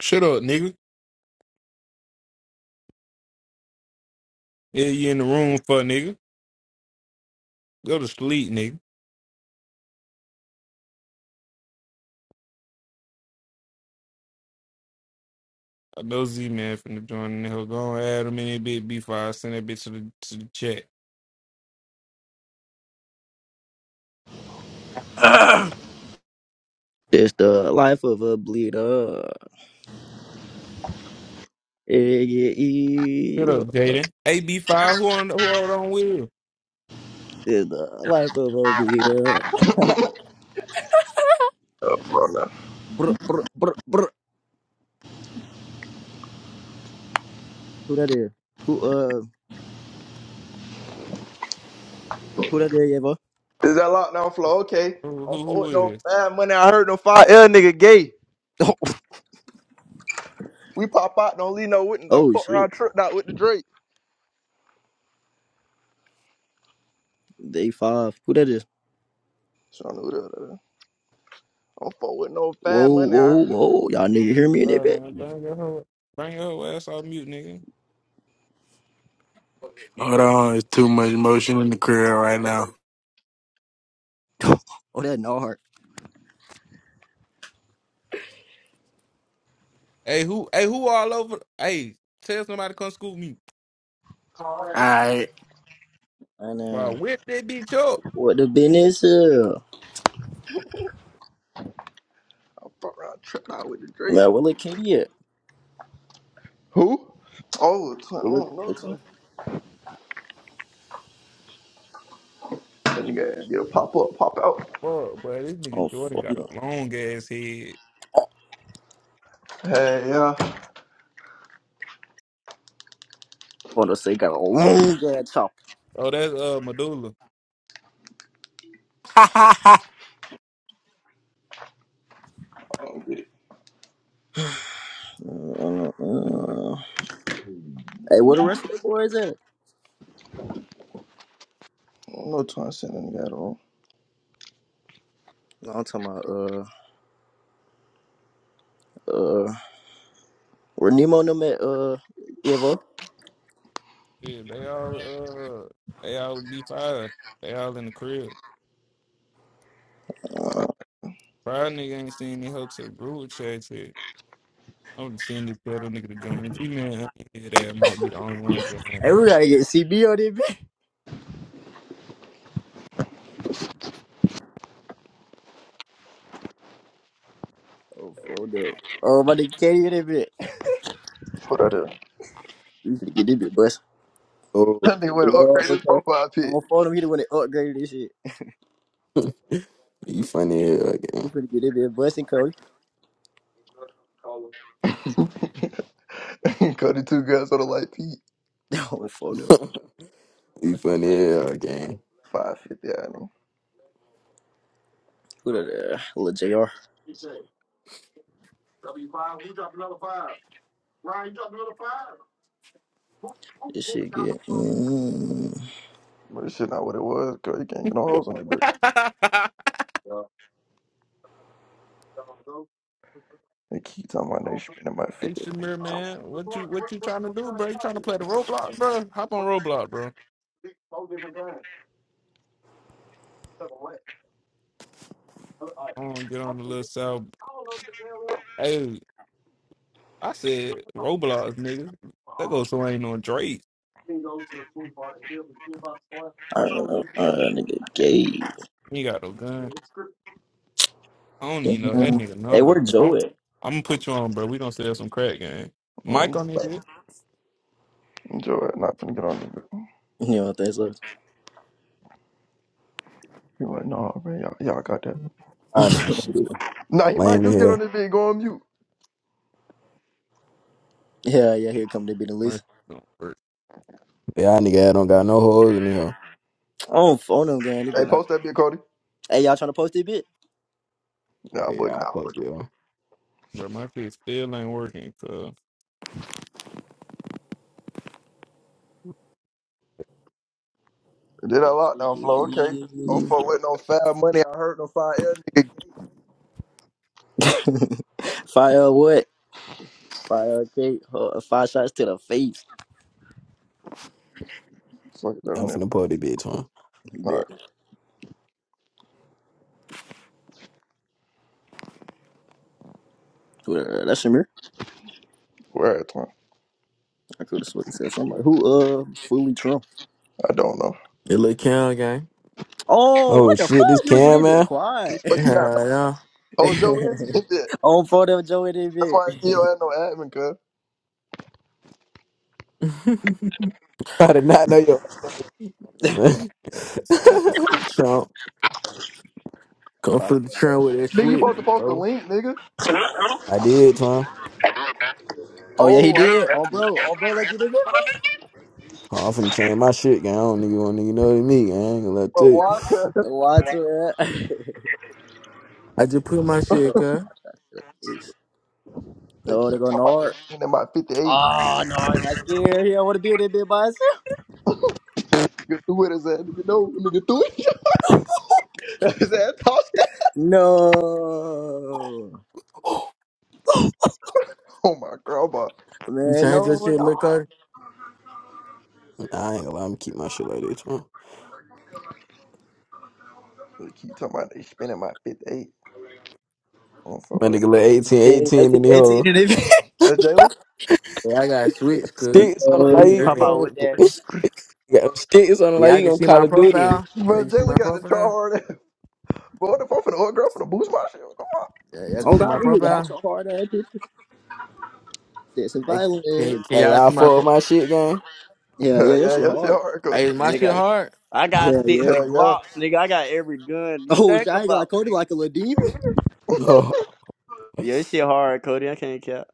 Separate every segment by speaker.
Speaker 1: Shut up, nigga. Yeah, you in the room for nigga. Go to sleep, nigga. I know Z man finna join in the hell. Go on, add him in that bitch B5. Send that bitch to the to the chat.
Speaker 2: Hold
Speaker 3: It's the life of a bleeder. It get
Speaker 1: Shut up,
Speaker 3: evil.
Speaker 1: Jaden. Hey B5, who on who hold on with? you?
Speaker 3: It's the life of a bleeder.
Speaker 4: Oh, bro, no.
Speaker 3: Brr, brr, brr, brr. Who that is? Who uh? Who that is, Evo?
Speaker 4: Is that lockdown flow? Okay.
Speaker 1: Who
Speaker 4: I'm
Speaker 1: who,
Speaker 4: fuck
Speaker 1: who
Speaker 4: with no
Speaker 1: is?
Speaker 4: fine money. I heard no five L nigga gay. We pop out, don't leave no witness. I'm
Speaker 3: Oh
Speaker 4: fuck
Speaker 3: shit.
Speaker 4: around tripped out with the Drake.
Speaker 3: Day five. Who that is?
Speaker 4: So I know that. uh, I'm fuck with no
Speaker 3: Whoa,
Speaker 4: fine money. I
Speaker 3: whoa, whoa. Y'all nigga hear me in that
Speaker 1: Alright
Speaker 3: bit?
Speaker 1: man, bring your hoe bring your hoe ass off mute, nigga.
Speaker 2: on, it's too much motion in the crib right now.
Speaker 3: oh, that no heart.
Speaker 1: Hey who hey who all over hey, tell somebody to come scoop me.
Speaker 2: All right.
Speaker 3: And
Speaker 1: Wow,
Speaker 3: uh,
Speaker 1: whip that bitch up.
Speaker 3: what the business is?
Speaker 4: i fuck around tripped out with the Drake.
Speaker 3: Man, where look, Katie? at?
Speaker 4: Who? Oh, twin. I
Speaker 3: Where the
Speaker 4: don't know,
Speaker 3: what
Speaker 4: twin.
Speaker 3: color?
Speaker 4: That nigga get a pop up, pop out.
Speaker 1: Fuck, but this
Speaker 3: Oh
Speaker 1: nigga Jordan
Speaker 3: fuck
Speaker 1: got
Speaker 3: no.
Speaker 1: a long ass head.
Speaker 4: Hey, yeah. I
Speaker 3: Want to say got a long ass chop.
Speaker 1: Oh, that's uh Medulla.
Speaker 4: don't get it.
Speaker 3: Uh, uh, uh. Hey, where the rest of the boys at?
Speaker 4: I don't know, twin. I said that nigga out of the room.
Speaker 3: No, I'm talking about. uh. Uh, Renemo no met uh Evo.
Speaker 1: Yeah, they all uh they all be five. They all in the crib. Five nigga ain't seen any help to the group chat yet. I'm just seeing this pedal nigga to join. T man, yeah, that might be the only one joining though.
Speaker 3: Everybody get CB on that bit. Oh, phone up. Oh, my nigga Katie on that bit.
Speaker 4: What I do?
Speaker 3: We finna get this bit bust.
Speaker 5: Oh,
Speaker 4: That nigga went
Speaker 3: You
Speaker 4: to
Speaker 3: know
Speaker 4: upgrade
Speaker 3: what
Speaker 4: his profile
Speaker 3: I'm
Speaker 4: pic.
Speaker 3: On phone him, he the one that upgraded this shit.
Speaker 5: you funny here again.
Speaker 3: We finna get this bit busting, Cody.
Speaker 4: Cut two guys on the light peak.
Speaker 3: not phone up.
Speaker 5: you funny here again.
Speaker 4: 550, I think.
Speaker 3: Who the uh, little JR? This shit get. Mm,
Speaker 4: But this shit not what it was, cause you can't get no hoes on it, but
Speaker 1: hey
Speaker 4: they keep talking about they spending my 50.
Speaker 1: Shamir man, what you what you trying to do, bro? You trying to play the Roblox, bro? Hop on Roblox, bro. I want to get on the little south. Hey, I said Roblox, nigga. That goes so ain't no Drake.
Speaker 3: I don't know. Uh, nigga gay.
Speaker 1: You got no gun. I don't even know that
Speaker 3: Damn.
Speaker 1: nigga
Speaker 3: Hey,
Speaker 1: number,
Speaker 3: where
Speaker 1: bro. I'm,
Speaker 3: Joe at?
Speaker 1: I'm gonna put you on, bro. We gonna sell some crack, gang. Mike
Speaker 4: Mm,
Speaker 1: on this
Speaker 4: like,
Speaker 1: bit.
Speaker 4: enjoy it, not finna get on this bitch.
Speaker 3: You know what that's like.
Speaker 4: You like, nah, man, y'all, y'all got that.
Speaker 5: I nigga shit.
Speaker 4: Nah, he might
Speaker 5: Lame
Speaker 4: do get
Speaker 5: here.
Speaker 4: on this bitch, go on mute.
Speaker 3: yeah, yeah, here come the bit and
Speaker 1: My shit
Speaker 3: list.
Speaker 1: don't work,
Speaker 5: Yeah, I nigga I don't got no holes in here.
Speaker 3: Oh, phone him, gang. This
Speaker 4: Hey,
Speaker 3: bit not.
Speaker 4: post that bitch, Cody.
Speaker 3: Hey, y'all trying to post this bit?
Speaker 4: Nah, boy,
Speaker 5: Yeah,
Speaker 4: can
Speaker 5: I
Speaker 4: post
Speaker 5: fuck you.
Speaker 1: bro. My shit still ain't working, cuz.
Speaker 4: it. Did that lockdown flow, okay. Don't fuck with no foul money, I heard no foul air nigga.
Speaker 3: Fire what? Fire K. Uh, five shots to the face.
Speaker 4: Fuck that
Speaker 5: I'm
Speaker 4: on that bitch.
Speaker 5: finna pull this bitch on.
Speaker 4: Nah,
Speaker 3: Bet. Well, that's Shamir.
Speaker 4: where at, man?
Speaker 3: I could have sworn he said somebody who uh fully Trump.
Speaker 4: I don't know.
Speaker 6: It look count gang.
Speaker 3: Oh,
Speaker 5: Oh
Speaker 3: what the fuck?
Speaker 5: shit, this
Speaker 3: You was in
Speaker 5: can
Speaker 3: there bit
Speaker 5: man.
Speaker 3: quiet.
Speaker 4: But he not know.
Speaker 6: Hell yeah.
Speaker 4: Oh, Joe is? Shit. That's
Speaker 3: On photo Joe in there bit.
Speaker 4: why he don't have no admin, cuz.
Speaker 5: I did not know your ass, man.
Speaker 6: Niggas, Trump. Come
Speaker 3: Fire.
Speaker 6: for the Trump with that
Speaker 4: Nigga, you
Speaker 6: switch,
Speaker 4: supposed to post the
Speaker 6: bro.
Speaker 4: link, nigga.
Speaker 5: I did, Tom.
Speaker 3: Oh yeah, he
Speaker 4: Oh, I see
Speaker 3: did.
Speaker 4: that
Speaker 3: Oh
Speaker 4: shit.
Speaker 3: bro, oh bro, like you did it, bro.
Speaker 5: I'm finna change my shit, gang. I don't nigga want nigga know to me, gang. I ain't gonna let
Speaker 4: Bro,
Speaker 5: you.
Speaker 4: why? cuz?
Speaker 3: Watch it.
Speaker 6: I just put my
Speaker 3: Oh,
Speaker 6: shit, cuz.
Speaker 3: five shots to the
Speaker 4: They
Speaker 3: No, they
Speaker 4: keep
Speaker 3: go
Speaker 4: talking about they
Speaker 3: Nard.
Speaker 4: spending about 58.
Speaker 3: Oh, Nard got scared. He don't want to do that bit by himself.
Speaker 4: Nigga threw it as a nigga no nigga threw it. Is that tossed it?
Speaker 3: No,
Speaker 4: Oh my god, bro.
Speaker 6: You
Speaker 3: man,
Speaker 6: change your
Speaker 3: no,
Speaker 6: shit, look
Speaker 3: no.
Speaker 6: up.
Speaker 5: Nah, I ain't gonna lie, I'm keep my shit like this, man.
Speaker 4: They keep talking about they spending my 58. I'm so
Speaker 5: My
Speaker 4: with
Speaker 5: nigga
Speaker 4: it.
Speaker 5: let eighteen,
Speaker 3: Eighteen,
Speaker 5: eighteen, 18 in
Speaker 3: eighteen,
Speaker 5: the
Speaker 3: eighteen,
Speaker 5: hole.
Speaker 3: and eighteen.
Speaker 4: That's Jalen?
Speaker 6: Yeah, I got a switch, cuz.
Speaker 5: Sticks on him
Speaker 3: No,
Speaker 5: like
Speaker 7: Hey,
Speaker 5: he
Speaker 3: dude.
Speaker 7: pop
Speaker 6: Really?
Speaker 7: out with that,
Speaker 5: got sticks on him like
Speaker 6: Yeah, I
Speaker 5: he
Speaker 6: can
Speaker 5: on
Speaker 6: see
Speaker 5: Call
Speaker 6: my
Speaker 5: of Duty.
Speaker 6: profile. Yeah,
Speaker 4: Bro,
Speaker 6: you see
Speaker 4: Jalen
Speaker 6: my
Speaker 4: got the draw
Speaker 6: profile?
Speaker 4: hard ass. Boy, the fuck for the old girl for the boost my shit. Come on.
Speaker 6: Yeah, y'all can
Speaker 3: Oh
Speaker 6: see my
Speaker 3: God, you got
Speaker 6: profile.
Speaker 3: your hard ass pictures. That's
Speaker 6: Hey,
Speaker 3: violent.
Speaker 6: can, can
Speaker 5: They
Speaker 6: y'all
Speaker 5: all
Speaker 6: see my
Speaker 5: fuck with
Speaker 6: pro-
Speaker 5: my shit gang.
Speaker 3: Yeah, yeah,
Speaker 4: Hell
Speaker 3: that
Speaker 4: yeah,
Speaker 3: shit
Speaker 4: your shit
Speaker 3: hard.
Speaker 4: hard, cuz.
Speaker 6: Hey, is my
Speaker 3: Oh,
Speaker 6: shit
Speaker 7: nigga.
Speaker 3: bro.
Speaker 6: hard?
Speaker 7: I got
Speaker 3: Yeah,
Speaker 7: sticks
Speaker 3: yeah.
Speaker 7: and
Speaker 4: Hell yeah.
Speaker 7: glocks, nigga. I got every gun you
Speaker 3: Oh, shit,
Speaker 7: think
Speaker 3: I ain't like
Speaker 7: about,
Speaker 3: Cody
Speaker 7: nigga.
Speaker 3: like a little demon.
Speaker 7: Yeah, this shit hard, Cody. I can't cap.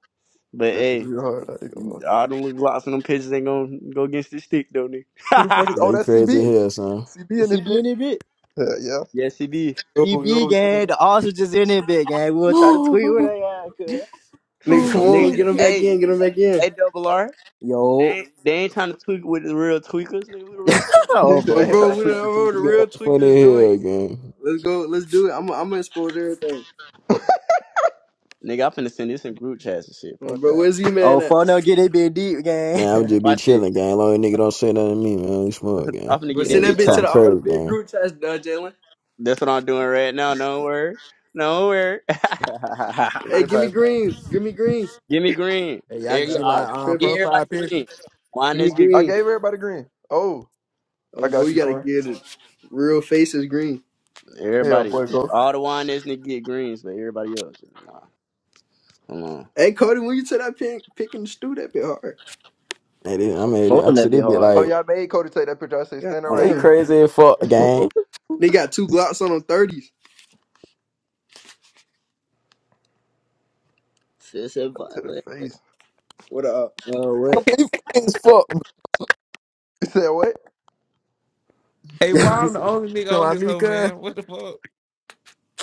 Speaker 7: But
Speaker 4: That shit
Speaker 7: hey,
Speaker 4: real hard. I ain't gonna lie.
Speaker 7: all them little glocks and them pitches ain't gonna go against this stick, though,
Speaker 4: Who the fuck is oh
Speaker 7: nigga.
Speaker 5: they
Speaker 4: that's
Speaker 5: crazy as
Speaker 4: CB?
Speaker 5: hell, son.
Speaker 4: CB
Speaker 3: The
Speaker 4: in this
Speaker 3: CB
Speaker 4: bitch.
Speaker 3: in it, bitch.
Speaker 4: Hell yeah.
Speaker 7: yes, he did,
Speaker 8: Yo,
Speaker 3: CB
Speaker 8: yo,
Speaker 3: gang,
Speaker 8: yo.
Speaker 3: the ostriches in it, big gang. We'll try to tweet with
Speaker 5: No.
Speaker 3: they at, cuz.
Speaker 8: Nigga,
Speaker 4: Nigga
Speaker 5: oh
Speaker 8: come
Speaker 4: no.
Speaker 8: on,
Speaker 5: shit.
Speaker 7: nigga.
Speaker 8: get him back
Speaker 7: Hey,
Speaker 8: in, get him back in.
Speaker 7: hey, double R. They
Speaker 3: Yo.
Speaker 7: ain't, they ain't trying to tweak with the real tweakers, nigga. We the real tweakers.
Speaker 4: He
Speaker 3: oh,
Speaker 7: man.
Speaker 4: said they
Speaker 3: for
Speaker 8: Um,
Speaker 4: ain't
Speaker 3: no.
Speaker 8: bro,
Speaker 4: trying to
Speaker 8: we done
Speaker 4: tweak the
Speaker 8: rolled the
Speaker 4: tweakers.
Speaker 5: Nigga,
Speaker 8: real
Speaker 5: funny
Speaker 8: tweakers
Speaker 5: as
Speaker 8: joint.
Speaker 5: hell, gang.
Speaker 8: Let's go, let's do it. I'm, I'm gonna expose everything.
Speaker 7: Nigga, I'm finna send this in group chats and shit.
Speaker 8: Um,
Speaker 7: Fuck
Speaker 8: bro,
Speaker 7: that.
Speaker 8: where's he man
Speaker 3: Oh,
Speaker 8: at?
Speaker 3: for no, get it big deep, gang.
Speaker 5: Nah, i would just be
Speaker 7: Watch this.
Speaker 5: chilling, gang. Long as nigga don't say nothing to me, man. You smart, gang.
Speaker 7: I'm finna
Speaker 8: Bro,
Speaker 7: get
Speaker 5: Yeah,
Speaker 7: this
Speaker 5: I
Speaker 8: send that
Speaker 5: get
Speaker 7: bitch
Speaker 8: bitch to
Speaker 5: talking
Speaker 7: jumping.
Speaker 8: the, all the
Speaker 5: crazy,
Speaker 8: big
Speaker 5: gang.
Speaker 8: group chats, uh, Jalen.
Speaker 7: That's what I'm doing right now. No word. No word.
Speaker 8: Hey, give me
Speaker 7: Everybody
Speaker 8: green, give me green.
Speaker 7: Give me green.
Speaker 6: Hey, y'all
Speaker 7: There
Speaker 6: can
Speaker 7: you
Speaker 8: Y'all
Speaker 6: see
Speaker 7: are.
Speaker 6: my
Speaker 8: like
Speaker 6: um
Speaker 8: tripping.
Speaker 7: Get
Speaker 6: profile
Speaker 7: everybody
Speaker 6: picture.
Speaker 7: green. Wine
Speaker 8: Give me
Speaker 7: this get
Speaker 4: I
Speaker 8: green.
Speaker 4: gave
Speaker 7: green.
Speaker 4: everybody green. Oh, I
Speaker 8: Um, bro,
Speaker 4: got
Speaker 8: you
Speaker 4: you,
Speaker 8: gotta
Speaker 4: twin.
Speaker 8: get it. Real faces green.
Speaker 4: Hey, our
Speaker 7: Everybody.
Speaker 4: boy, go.
Speaker 7: All the wine this to get greens, but everybody else. Nah. Come on.
Speaker 8: Hey, Cody, when you to that pin, picking the stew that bit hard.
Speaker 5: Hey, they- I made
Speaker 3: for
Speaker 5: it.
Speaker 3: no,
Speaker 5: I
Speaker 3: that
Speaker 5: said
Speaker 3: be
Speaker 5: they be
Speaker 3: hard.
Speaker 4: Oh
Speaker 5: like,
Speaker 4: y'all made Cody take that picture. I say
Speaker 8: God
Speaker 4: standing
Speaker 7: come
Speaker 4: right
Speaker 5: Lee
Speaker 7: on.
Speaker 4: here
Speaker 8: damn.
Speaker 5: crazy as fuck, gang.
Speaker 8: They got two Glocks on them 30s.
Speaker 5: Yeah,
Speaker 3: Shit, shit
Speaker 4: to the
Speaker 3: violent.
Speaker 4: face.
Speaker 8: What up?
Speaker 3: Oh, what?
Speaker 5: but he funny as fuck.
Speaker 4: He said what?
Speaker 1: Hey, why I'm the only nigga
Speaker 6: Talking
Speaker 1: on
Speaker 6: about
Speaker 1: this
Speaker 6: me,
Speaker 1: hoe,
Speaker 6: cuz.
Speaker 1: man? What the fuck?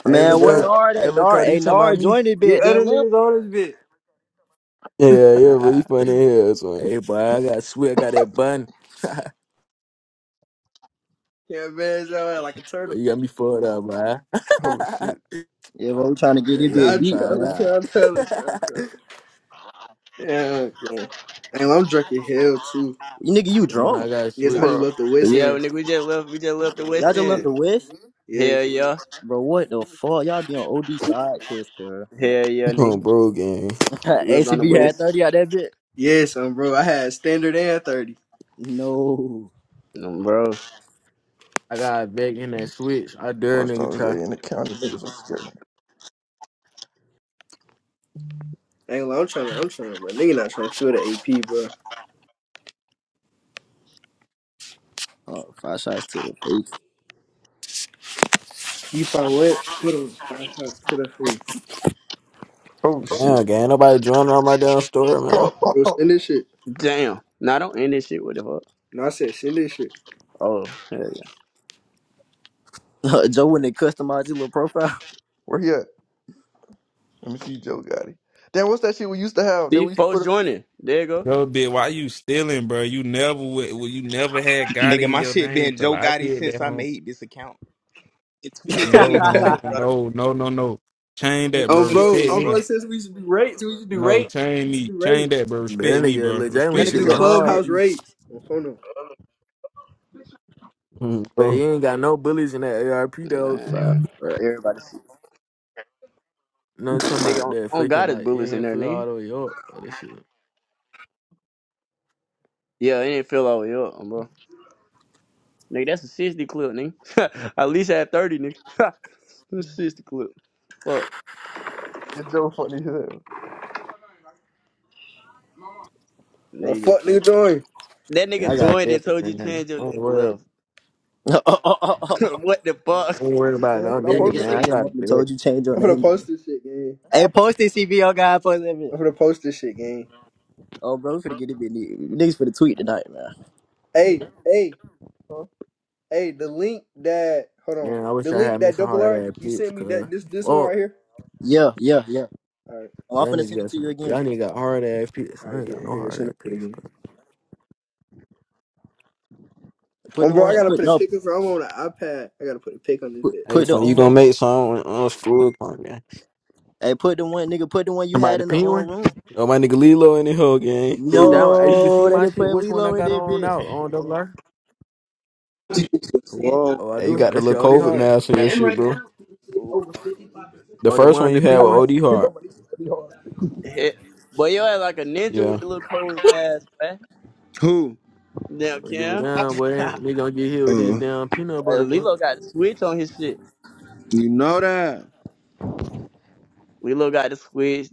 Speaker 6: Hey,
Speaker 8: Um,
Speaker 3: Man,
Speaker 6: look
Speaker 3: where
Speaker 8: bro,
Speaker 6: up.
Speaker 3: Nard
Speaker 6: Hey,
Speaker 3: at?
Speaker 6: look
Speaker 3: Nard,
Speaker 6: up. You
Speaker 3: hey,
Speaker 6: talking about
Speaker 3: Nard
Speaker 6: me?
Speaker 3: joined this
Speaker 8: get
Speaker 3: bit, then
Speaker 8: other
Speaker 3: left.
Speaker 8: niggas on this bitch.
Speaker 5: Yeah, yeah, but he funny as hell, man.
Speaker 6: Hey, boy, I got swear I got that bun. but
Speaker 8: Can't manage your ass like a turtle.
Speaker 6: you got me fucked up, man. but
Speaker 4: Oh shit,
Speaker 3: Yeah, bro, we trying to get this
Speaker 6: yeah,
Speaker 3: bit
Speaker 6: he
Speaker 8: Not
Speaker 3: deep,
Speaker 6: found
Speaker 8: trolling,
Speaker 3: man.
Speaker 6: out.
Speaker 8: not trolling, not trolling. Yeah, okay. And I'm drinking hell too.
Speaker 3: You nigga, you
Speaker 6: and
Speaker 3: drunk?
Speaker 6: I got
Speaker 8: Yes, I just
Speaker 6: switch.
Speaker 4: bro.
Speaker 8: left the West
Speaker 7: Yeah,
Speaker 8: End.
Speaker 7: nigga, we just left we just left the
Speaker 3: Y'all
Speaker 7: West
Speaker 3: just left
Speaker 7: End.
Speaker 3: the whiff?
Speaker 7: Hell
Speaker 8: Yes,
Speaker 7: yeah.
Speaker 3: Bro, what the fuck? Y'all be on OD side quiz, cuz.
Speaker 7: Hell yeah,
Speaker 5: Oh,
Speaker 7: nigga.
Speaker 5: bro, gang.
Speaker 7: We was on the
Speaker 3: ACB
Speaker 8: bro.
Speaker 3: had
Speaker 7: West.
Speaker 3: 30 out that bit?
Speaker 8: Yes, um, bro. I had standard and thirty.
Speaker 3: No.
Speaker 7: No, bro.
Speaker 6: I got back in that switch. I dare a
Speaker 4: First I
Speaker 6: nigga
Speaker 4: was
Speaker 6: try.
Speaker 4: in the county. Niggas are scared.
Speaker 8: Ain't I'm trying to, I'm trying to, bro. Nigga not trying to feel the AP, bro.
Speaker 3: Oh, five shots to the face.
Speaker 8: You find what? Put on five shots to the face,
Speaker 4: Oh shit.
Speaker 5: Damn, gang. Nobody joining on my damn story, man.
Speaker 8: bro. Send this shit.
Speaker 7: Damn. Now don't end this shit with the fuck.
Speaker 8: No, I said send this shit.
Speaker 7: Oh, hell yeah.
Speaker 3: Joe wouldn't customize his little profile.
Speaker 4: Where he at? Let me see Joe Gotti. Damn, what's that shit we used to have that
Speaker 7: See,
Speaker 4: we used to
Speaker 7: folks
Speaker 4: put
Speaker 7: joining. There you go.
Speaker 1: Yo, bitch. why you stealing, bro? You never, would. well, you never had God
Speaker 9: Nigga,
Speaker 1: in
Speaker 9: my
Speaker 1: your
Speaker 9: shit
Speaker 1: name
Speaker 9: been
Speaker 1: till
Speaker 9: Joe
Speaker 1: I
Speaker 9: Gotti
Speaker 1: did
Speaker 9: since
Speaker 1: that,
Speaker 9: I
Speaker 1: home.
Speaker 9: made this account. In
Speaker 1: No,
Speaker 9: 2022,
Speaker 1: home.
Speaker 9: little
Speaker 3: that
Speaker 9: brother.
Speaker 1: No, no, no, no. Change that,
Speaker 8: um,
Speaker 1: bro.
Speaker 9: 2022,
Speaker 8: bro,
Speaker 1: Respect
Speaker 9: little
Speaker 8: um,
Speaker 1: me.
Speaker 9: brother.
Speaker 8: bro. Since we used to do rates, we used to do
Speaker 1: No,
Speaker 8: rates. We
Speaker 1: change
Speaker 8: used to
Speaker 1: me.
Speaker 8: do
Speaker 1: Change
Speaker 8: rates.
Speaker 1: that, bro.
Speaker 6: But that
Speaker 1: Respect me,
Speaker 6: nigga
Speaker 1: bro.
Speaker 6: Lil
Speaker 8: We
Speaker 6: Jalen
Speaker 8: used
Speaker 1: Respect
Speaker 3: nigga
Speaker 6: shit
Speaker 8: to do
Speaker 3: said,
Speaker 1: me.
Speaker 6: look hard.
Speaker 3: respect
Speaker 8: clubhouse
Speaker 3: me.
Speaker 8: rates. On phone number.
Speaker 5: Mm,
Speaker 6: But
Speaker 5: bro.
Speaker 6: you ain't got no bullies in that ARP
Speaker 7: Nah,
Speaker 3: You
Speaker 6: though.
Speaker 3: fuck.
Speaker 7: anyway.
Speaker 4: him?
Speaker 3: Right.
Speaker 7: Everybody see.
Speaker 6: No time
Speaker 7: Nigga,
Speaker 6: about
Speaker 7: on,
Speaker 6: that
Speaker 7: on
Speaker 6: faking
Speaker 7: God is
Speaker 6: like you
Speaker 7: bullets in
Speaker 6: ain't
Speaker 7: there,
Speaker 6: feel all
Speaker 7: nigga.
Speaker 6: the way up. But that shit.
Speaker 7: Yeah, it ain't fill all the way up, bro. Nigga, that's a 60 clip, nigga. At least had 30, nigga. That's a 60 clip. Fuck.
Speaker 4: It's Joe funny as hell.
Speaker 8: Bro,
Speaker 7: Nigga just
Speaker 8: fuck nigga
Speaker 7: can't.
Speaker 8: join.
Speaker 7: That
Speaker 6: Yeah, I
Speaker 7: nigga
Speaker 6: got
Speaker 7: joined and
Speaker 6: that,
Speaker 7: told you
Speaker 6: man.
Speaker 7: change your
Speaker 6: Don't
Speaker 7: name to
Speaker 6: worry.
Speaker 7: left.
Speaker 3: that
Speaker 7: what the fuck?
Speaker 6: Don't worry about
Speaker 4: Damn,
Speaker 6: no
Speaker 4: should I
Speaker 6: nigga,
Speaker 4: post
Speaker 3: nigga
Speaker 4: it?
Speaker 6: man.
Speaker 3: said he
Speaker 6: I
Speaker 4: How
Speaker 6: got
Speaker 3: joined and
Speaker 6: that.
Speaker 3: told you change your
Speaker 8: I'm gonna post
Speaker 3: name.
Speaker 8: this shit, gang.
Speaker 3: Hey,
Speaker 4: I post
Speaker 3: post this CBO guy for a living.
Speaker 8: I'm gonna post this shit, gang.
Speaker 3: Oh, bro, we finna get it. Niggas finna tweet tonight, man.
Speaker 8: Hey, hey,
Speaker 4: it? Huh?
Speaker 8: hey, the link that hold on.
Speaker 6: Man, I wish
Speaker 8: The
Speaker 6: I
Speaker 8: link
Speaker 6: had me
Speaker 8: that
Speaker 6: some
Speaker 8: double
Speaker 6: hard
Speaker 8: R
Speaker 6: ass
Speaker 8: you
Speaker 6: bitch,
Speaker 8: sent me
Speaker 6: cuz.
Speaker 8: that this this one
Speaker 6: Fuck.
Speaker 8: right here.
Speaker 3: Yeah, yeah, yeah.
Speaker 8: Alright,
Speaker 3: Oh, I'm
Speaker 6: Y'all
Speaker 3: finna
Speaker 6: niggas
Speaker 3: send it
Speaker 6: got
Speaker 3: to
Speaker 6: some.
Speaker 3: you again.
Speaker 6: Y'all niggas got hard ass pieces. I
Speaker 8: alright,
Speaker 6: ain't
Speaker 8: yeah,
Speaker 6: got no
Speaker 8: here,
Speaker 6: hard
Speaker 8: send
Speaker 6: ass
Speaker 8: it
Speaker 6: pieces.
Speaker 8: again.
Speaker 6: cuz.
Speaker 3: Put
Speaker 8: Um
Speaker 3: the
Speaker 8: bro, I
Speaker 3: one.
Speaker 8: gotta
Speaker 3: Put
Speaker 8: put a
Speaker 3: no.
Speaker 8: pic of her. I'm on an iPad. I gotta put a pic on this
Speaker 3: Put,
Speaker 8: bit.
Speaker 5: Hey,
Speaker 3: put the
Speaker 5: twin, you
Speaker 3: um.
Speaker 5: gonna make some on school, come, gang.
Speaker 3: Hey, put the one, nigga. Put the one you
Speaker 6: Somebody
Speaker 3: had
Speaker 6: the
Speaker 3: in the
Speaker 6: pink
Speaker 3: um
Speaker 6: one?
Speaker 3: room.
Speaker 5: Yo, my nigga Lilo in the hell, gang.
Speaker 6: Bitch, that one. hey, You can see
Speaker 3: No, they
Speaker 6: my
Speaker 3: didn't
Speaker 6: shit.
Speaker 3: put
Speaker 6: Which one I
Speaker 3: Lilo in
Speaker 6: got
Speaker 3: that
Speaker 6: on
Speaker 3: bit.
Speaker 6: now? On double R?
Speaker 10: Whoa.
Speaker 6: Oh, I
Speaker 5: hey, you
Speaker 6: do.
Speaker 5: got the
Speaker 6: That's
Speaker 5: little
Speaker 6: your OD
Speaker 5: COVID
Speaker 6: heart.
Speaker 5: mask on your
Speaker 10: And
Speaker 5: shit,
Speaker 10: right
Speaker 5: bro.
Speaker 10: now, it's over 50.
Speaker 5: The
Speaker 6: Oh, the
Speaker 5: first
Speaker 6: one
Speaker 5: one you
Speaker 6: the
Speaker 5: had
Speaker 6: pink
Speaker 5: with
Speaker 6: one.
Speaker 5: OD
Speaker 4: He talking
Speaker 5: Hart.
Speaker 4: about that shit hard.
Speaker 7: Heh. But yo ass like a ninja with
Speaker 5: Yeah,
Speaker 7: the little cold mask, man.
Speaker 10: Who?
Speaker 7: Damn,
Speaker 6: Oh, give it
Speaker 7: Cam.
Speaker 6: down, boy. Nigga gonna get hit with this
Speaker 10: Uh,
Speaker 6: damn peanut
Speaker 7: Uh,
Speaker 6: butter, bro.
Speaker 7: Lilo got the switch on his shit.
Speaker 10: you know that.
Speaker 7: Lilo got the switch.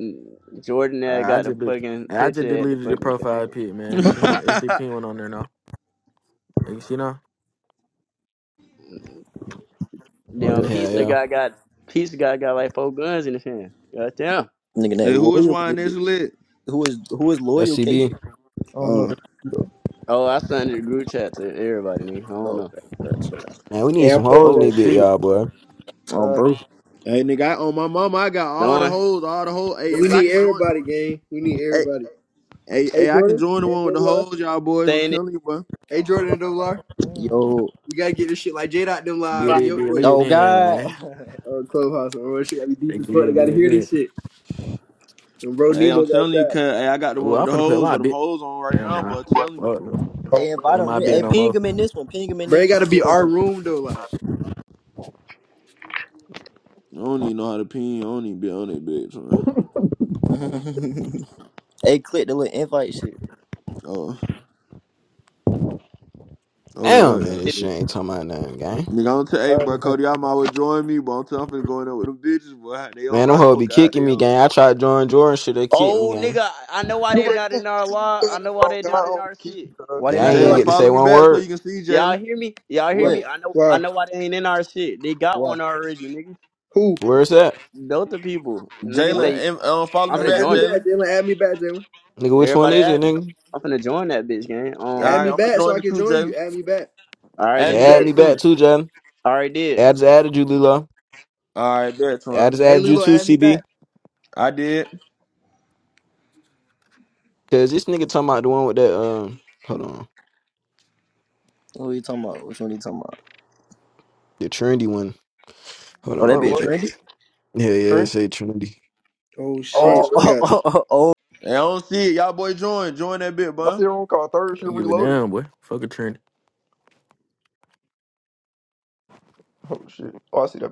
Speaker 7: Mm, Jordan there
Speaker 6: Alright, I
Speaker 7: got the
Speaker 6: just did.
Speaker 7: fucking
Speaker 6: I just
Speaker 7: picture at the
Speaker 6: deleted the
Speaker 7: fucking
Speaker 6: profile
Speaker 7: thing.
Speaker 6: pic, man. This one. It's the pink one on there now. Like, You see now?
Speaker 7: Mm,
Speaker 4: Oh
Speaker 7: Damn,
Speaker 4: yeah.
Speaker 5: yeah,
Speaker 4: yeah.
Speaker 7: pizza
Speaker 5: yeah.
Speaker 4: yeah.
Speaker 7: guy got pizza guy got like four guns in his hand. Goddamn.
Speaker 3: nigga, they
Speaker 10: hey, who is
Speaker 3: loyal in
Speaker 10: wine
Speaker 3: that
Speaker 10: this
Speaker 3: bit.
Speaker 10: lit?
Speaker 3: Who is who is
Speaker 5: That
Speaker 3: loyal? KJ.
Speaker 5: CB.
Speaker 4: I don't know
Speaker 10: Uh,
Speaker 4: that. shit, though.
Speaker 7: Oh, I sent it to group chat to everybody, nigga. I don't
Speaker 3: Oh,
Speaker 7: know.
Speaker 3: that's right.
Speaker 5: Man, we need
Speaker 8: Yeah, I
Speaker 5: some
Speaker 8: posted
Speaker 5: hoes in
Speaker 6: Oh
Speaker 8: that
Speaker 5: this bit,
Speaker 8: shit.
Speaker 6: shit.
Speaker 5: y'all, boy.
Speaker 3: Um,
Speaker 4: God.
Speaker 3: bro.
Speaker 10: hey nigga, I, on my mama, I got all the
Speaker 7: Knowing,
Speaker 10: hoes, all the hoes.
Speaker 8: And
Speaker 10: Hey,
Speaker 8: we
Speaker 10: I
Speaker 8: need
Speaker 10: can join.
Speaker 8: everybody, gang. We need
Speaker 10: Hey,
Speaker 8: everybody.
Speaker 10: hey,
Speaker 8: Hey
Speaker 10: hey, I can
Speaker 8: Jordan
Speaker 10: join the
Speaker 8: and
Speaker 10: one with the
Speaker 8: double R.
Speaker 10: hoes, y'all boys. I'm
Speaker 7: saying
Speaker 10: telling you, bro.
Speaker 8: Hey Jordan and double R.
Speaker 3: Yo.
Speaker 8: We gotta get this shit like J Dot them live
Speaker 6: Get
Speaker 8: and
Speaker 6: it,
Speaker 8: your
Speaker 6: be
Speaker 8: boy
Speaker 6: lit,
Speaker 3: Oh
Speaker 6: then,
Speaker 3: God.
Speaker 6: man.
Speaker 8: uh clubhouse on real shit. I be
Speaker 6: They
Speaker 8: deep as
Speaker 6: Get
Speaker 8: fuck. I
Speaker 6: it,
Speaker 8: gotta
Speaker 6: be
Speaker 8: hear this
Speaker 6: lit.
Speaker 8: shit. And bro
Speaker 10: Hey, I'm
Speaker 8: Nemo got
Speaker 10: telling you,
Speaker 8: shot.
Speaker 10: cuz hey, I got the
Speaker 6: Oh,
Speaker 10: one
Speaker 6: I'm
Speaker 10: with the
Speaker 6: finna put
Speaker 10: hoes,
Speaker 6: my
Speaker 10: but them
Speaker 6: bit.
Speaker 10: hoes on right
Speaker 6: Never
Speaker 10: now. But
Speaker 6: mind.
Speaker 10: I'm telling you,
Speaker 6: Fuck no.
Speaker 4: Oh,
Speaker 3: hey, invite
Speaker 6: Ain't
Speaker 3: them.
Speaker 8: Man,
Speaker 6: my
Speaker 3: Re-
Speaker 6: bit
Speaker 8: bruh.
Speaker 3: Hey,
Speaker 6: no
Speaker 3: ping
Speaker 6: more.
Speaker 3: them in this one. Ping them in
Speaker 8: Bro, it
Speaker 3: this one.
Speaker 8: gotta
Speaker 3: And See
Speaker 8: be
Speaker 3: what they
Speaker 8: our
Speaker 3: doing.
Speaker 8: room though. Like,
Speaker 10: I don't even know how to pee. I don't even be on it, bitch. man.
Speaker 3: hey, click the little invite shit.
Speaker 10: Oh, oh
Speaker 5: Damn,
Speaker 10: hell
Speaker 5: man,
Speaker 7: it.
Speaker 5: this
Speaker 10: yeah.
Speaker 5: shit ain't talking about nothing, gang.
Speaker 10: Nigga, I'm tell
Speaker 4: I
Speaker 10: hey, bro,
Speaker 4: understand.
Speaker 10: Cody, I might well join me, bro. I'm telling you, I'm finna go in there with them bitches, boy. They on
Speaker 5: Man, them
Speaker 10: live,
Speaker 5: hoes be
Speaker 10: God,
Speaker 5: kicking
Speaker 10: they
Speaker 5: me,
Speaker 10: on.
Speaker 5: gang. I tried to join Jordan, shit, they kicked me,
Speaker 7: Oh,
Speaker 5: gang.
Speaker 7: nigga, I know why
Speaker 4: Nigga,
Speaker 7: they
Speaker 4: that
Speaker 7: not in our
Speaker 4: too
Speaker 7: law. I
Speaker 4: good. and
Speaker 7: know why
Speaker 4: wrong.
Speaker 7: they
Speaker 4: God,
Speaker 7: not
Speaker 4: I
Speaker 7: in
Speaker 4: only
Speaker 7: our
Speaker 4: keep
Speaker 7: shit.
Speaker 4: you, cuz.
Speaker 3: Why
Speaker 5: Nigga,
Speaker 3: they
Speaker 5: I
Speaker 7: I
Speaker 3: not
Speaker 5: ain't
Speaker 3: in
Speaker 7: know
Speaker 5: even
Speaker 3: our
Speaker 7: why.
Speaker 8: why,
Speaker 10: Jalen,
Speaker 5: get to
Speaker 3: shit?
Speaker 10: follow
Speaker 5: say
Speaker 10: me
Speaker 5: one
Speaker 10: back so you
Speaker 5: word.
Speaker 10: can see
Speaker 7: They, y'all
Speaker 10: Jalen.
Speaker 7: hear me? Y'all hear
Speaker 8: why,
Speaker 3: What?
Speaker 7: me? I know. I
Speaker 8: why?
Speaker 7: know why they ain't in our shit. They got
Speaker 3: What?
Speaker 7: one already, nigga.
Speaker 8: Who?
Speaker 5: Where is that?
Speaker 7: Delta people, nigga
Speaker 10: Jalen,
Speaker 3: What?
Speaker 7: say
Speaker 10: em- um, uh, follow
Speaker 7: I'm
Speaker 10: me
Speaker 8: Hey,
Speaker 7: finna
Speaker 10: back,
Speaker 8: add me
Speaker 7: join it.
Speaker 8: back,
Speaker 10: Jalen.
Speaker 8: Jalen. Add me back, Jalen.
Speaker 5: Nigga, which one
Speaker 7: Everybody
Speaker 5: is it,
Speaker 7: at me.
Speaker 5: nigga?
Speaker 7: I'm finna join that bitch, gang.
Speaker 8: You
Speaker 10: All
Speaker 8: add
Speaker 10: right,
Speaker 7: Um,
Speaker 8: me
Speaker 7: it's,
Speaker 10: I'm gonna
Speaker 8: back so
Speaker 10: join
Speaker 8: I
Speaker 10: the
Speaker 8: can
Speaker 10: crew,
Speaker 8: join
Speaker 10: Jalen.
Speaker 8: you. Add me back.
Speaker 7: I
Speaker 5: They
Speaker 7: already
Speaker 10: Add me
Speaker 5: add
Speaker 10: back
Speaker 5: me
Speaker 7: did.
Speaker 5: back
Speaker 10: too.
Speaker 5: too, John.
Speaker 7: I already did.
Speaker 5: I just added you, Lilo.
Speaker 10: All right, bet,
Speaker 5: I
Speaker 10: Twan.
Speaker 5: just
Speaker 8: Hey,
Speaker 5: added you
Speaker 8: Lilo,
Speaker 5: too,
Speaker 8: add me back.
Speaker 5: CB.
Speaker 10: I did.
Speaker 5: Cause this nigga talking about the one with that, um, hold on.
Speaker 3: What are you talking about? Which one are you talking about?
Speaker 5: The trendy one. Hold
Speaker 3: Oh, that
Speaker 5: on,
Speaker 4: Bro,
Speaker 3: bitch
Speaker 5: but
Speaker 4: what?
Speaker 5: yeah,
Speaker 3: trendy.
Speaker 5: yeah, it
Speaker 4: Trent?
Speaker 5: say trendy.
Speaker 8: Oh
Speaker 4: Bro,
Speaker 8: shit.
Speaker 3: Oh,
Speaker 4: dude.
Speaker 8: Yeah.
Speaker 3: oh, oh,
Speaker 10: Hey, I don't see it. Y'all boy join. Join that bit,
Speaker 4: I see
Speaker 10: bro.
Speaker 4: everyone called third. She
Speaker 6: don't give a
Speaker 4: reloaded.
Speaker 6: damn, boy. Fuck a trend.
Speaker 4: Oh shit! Oh, I see that.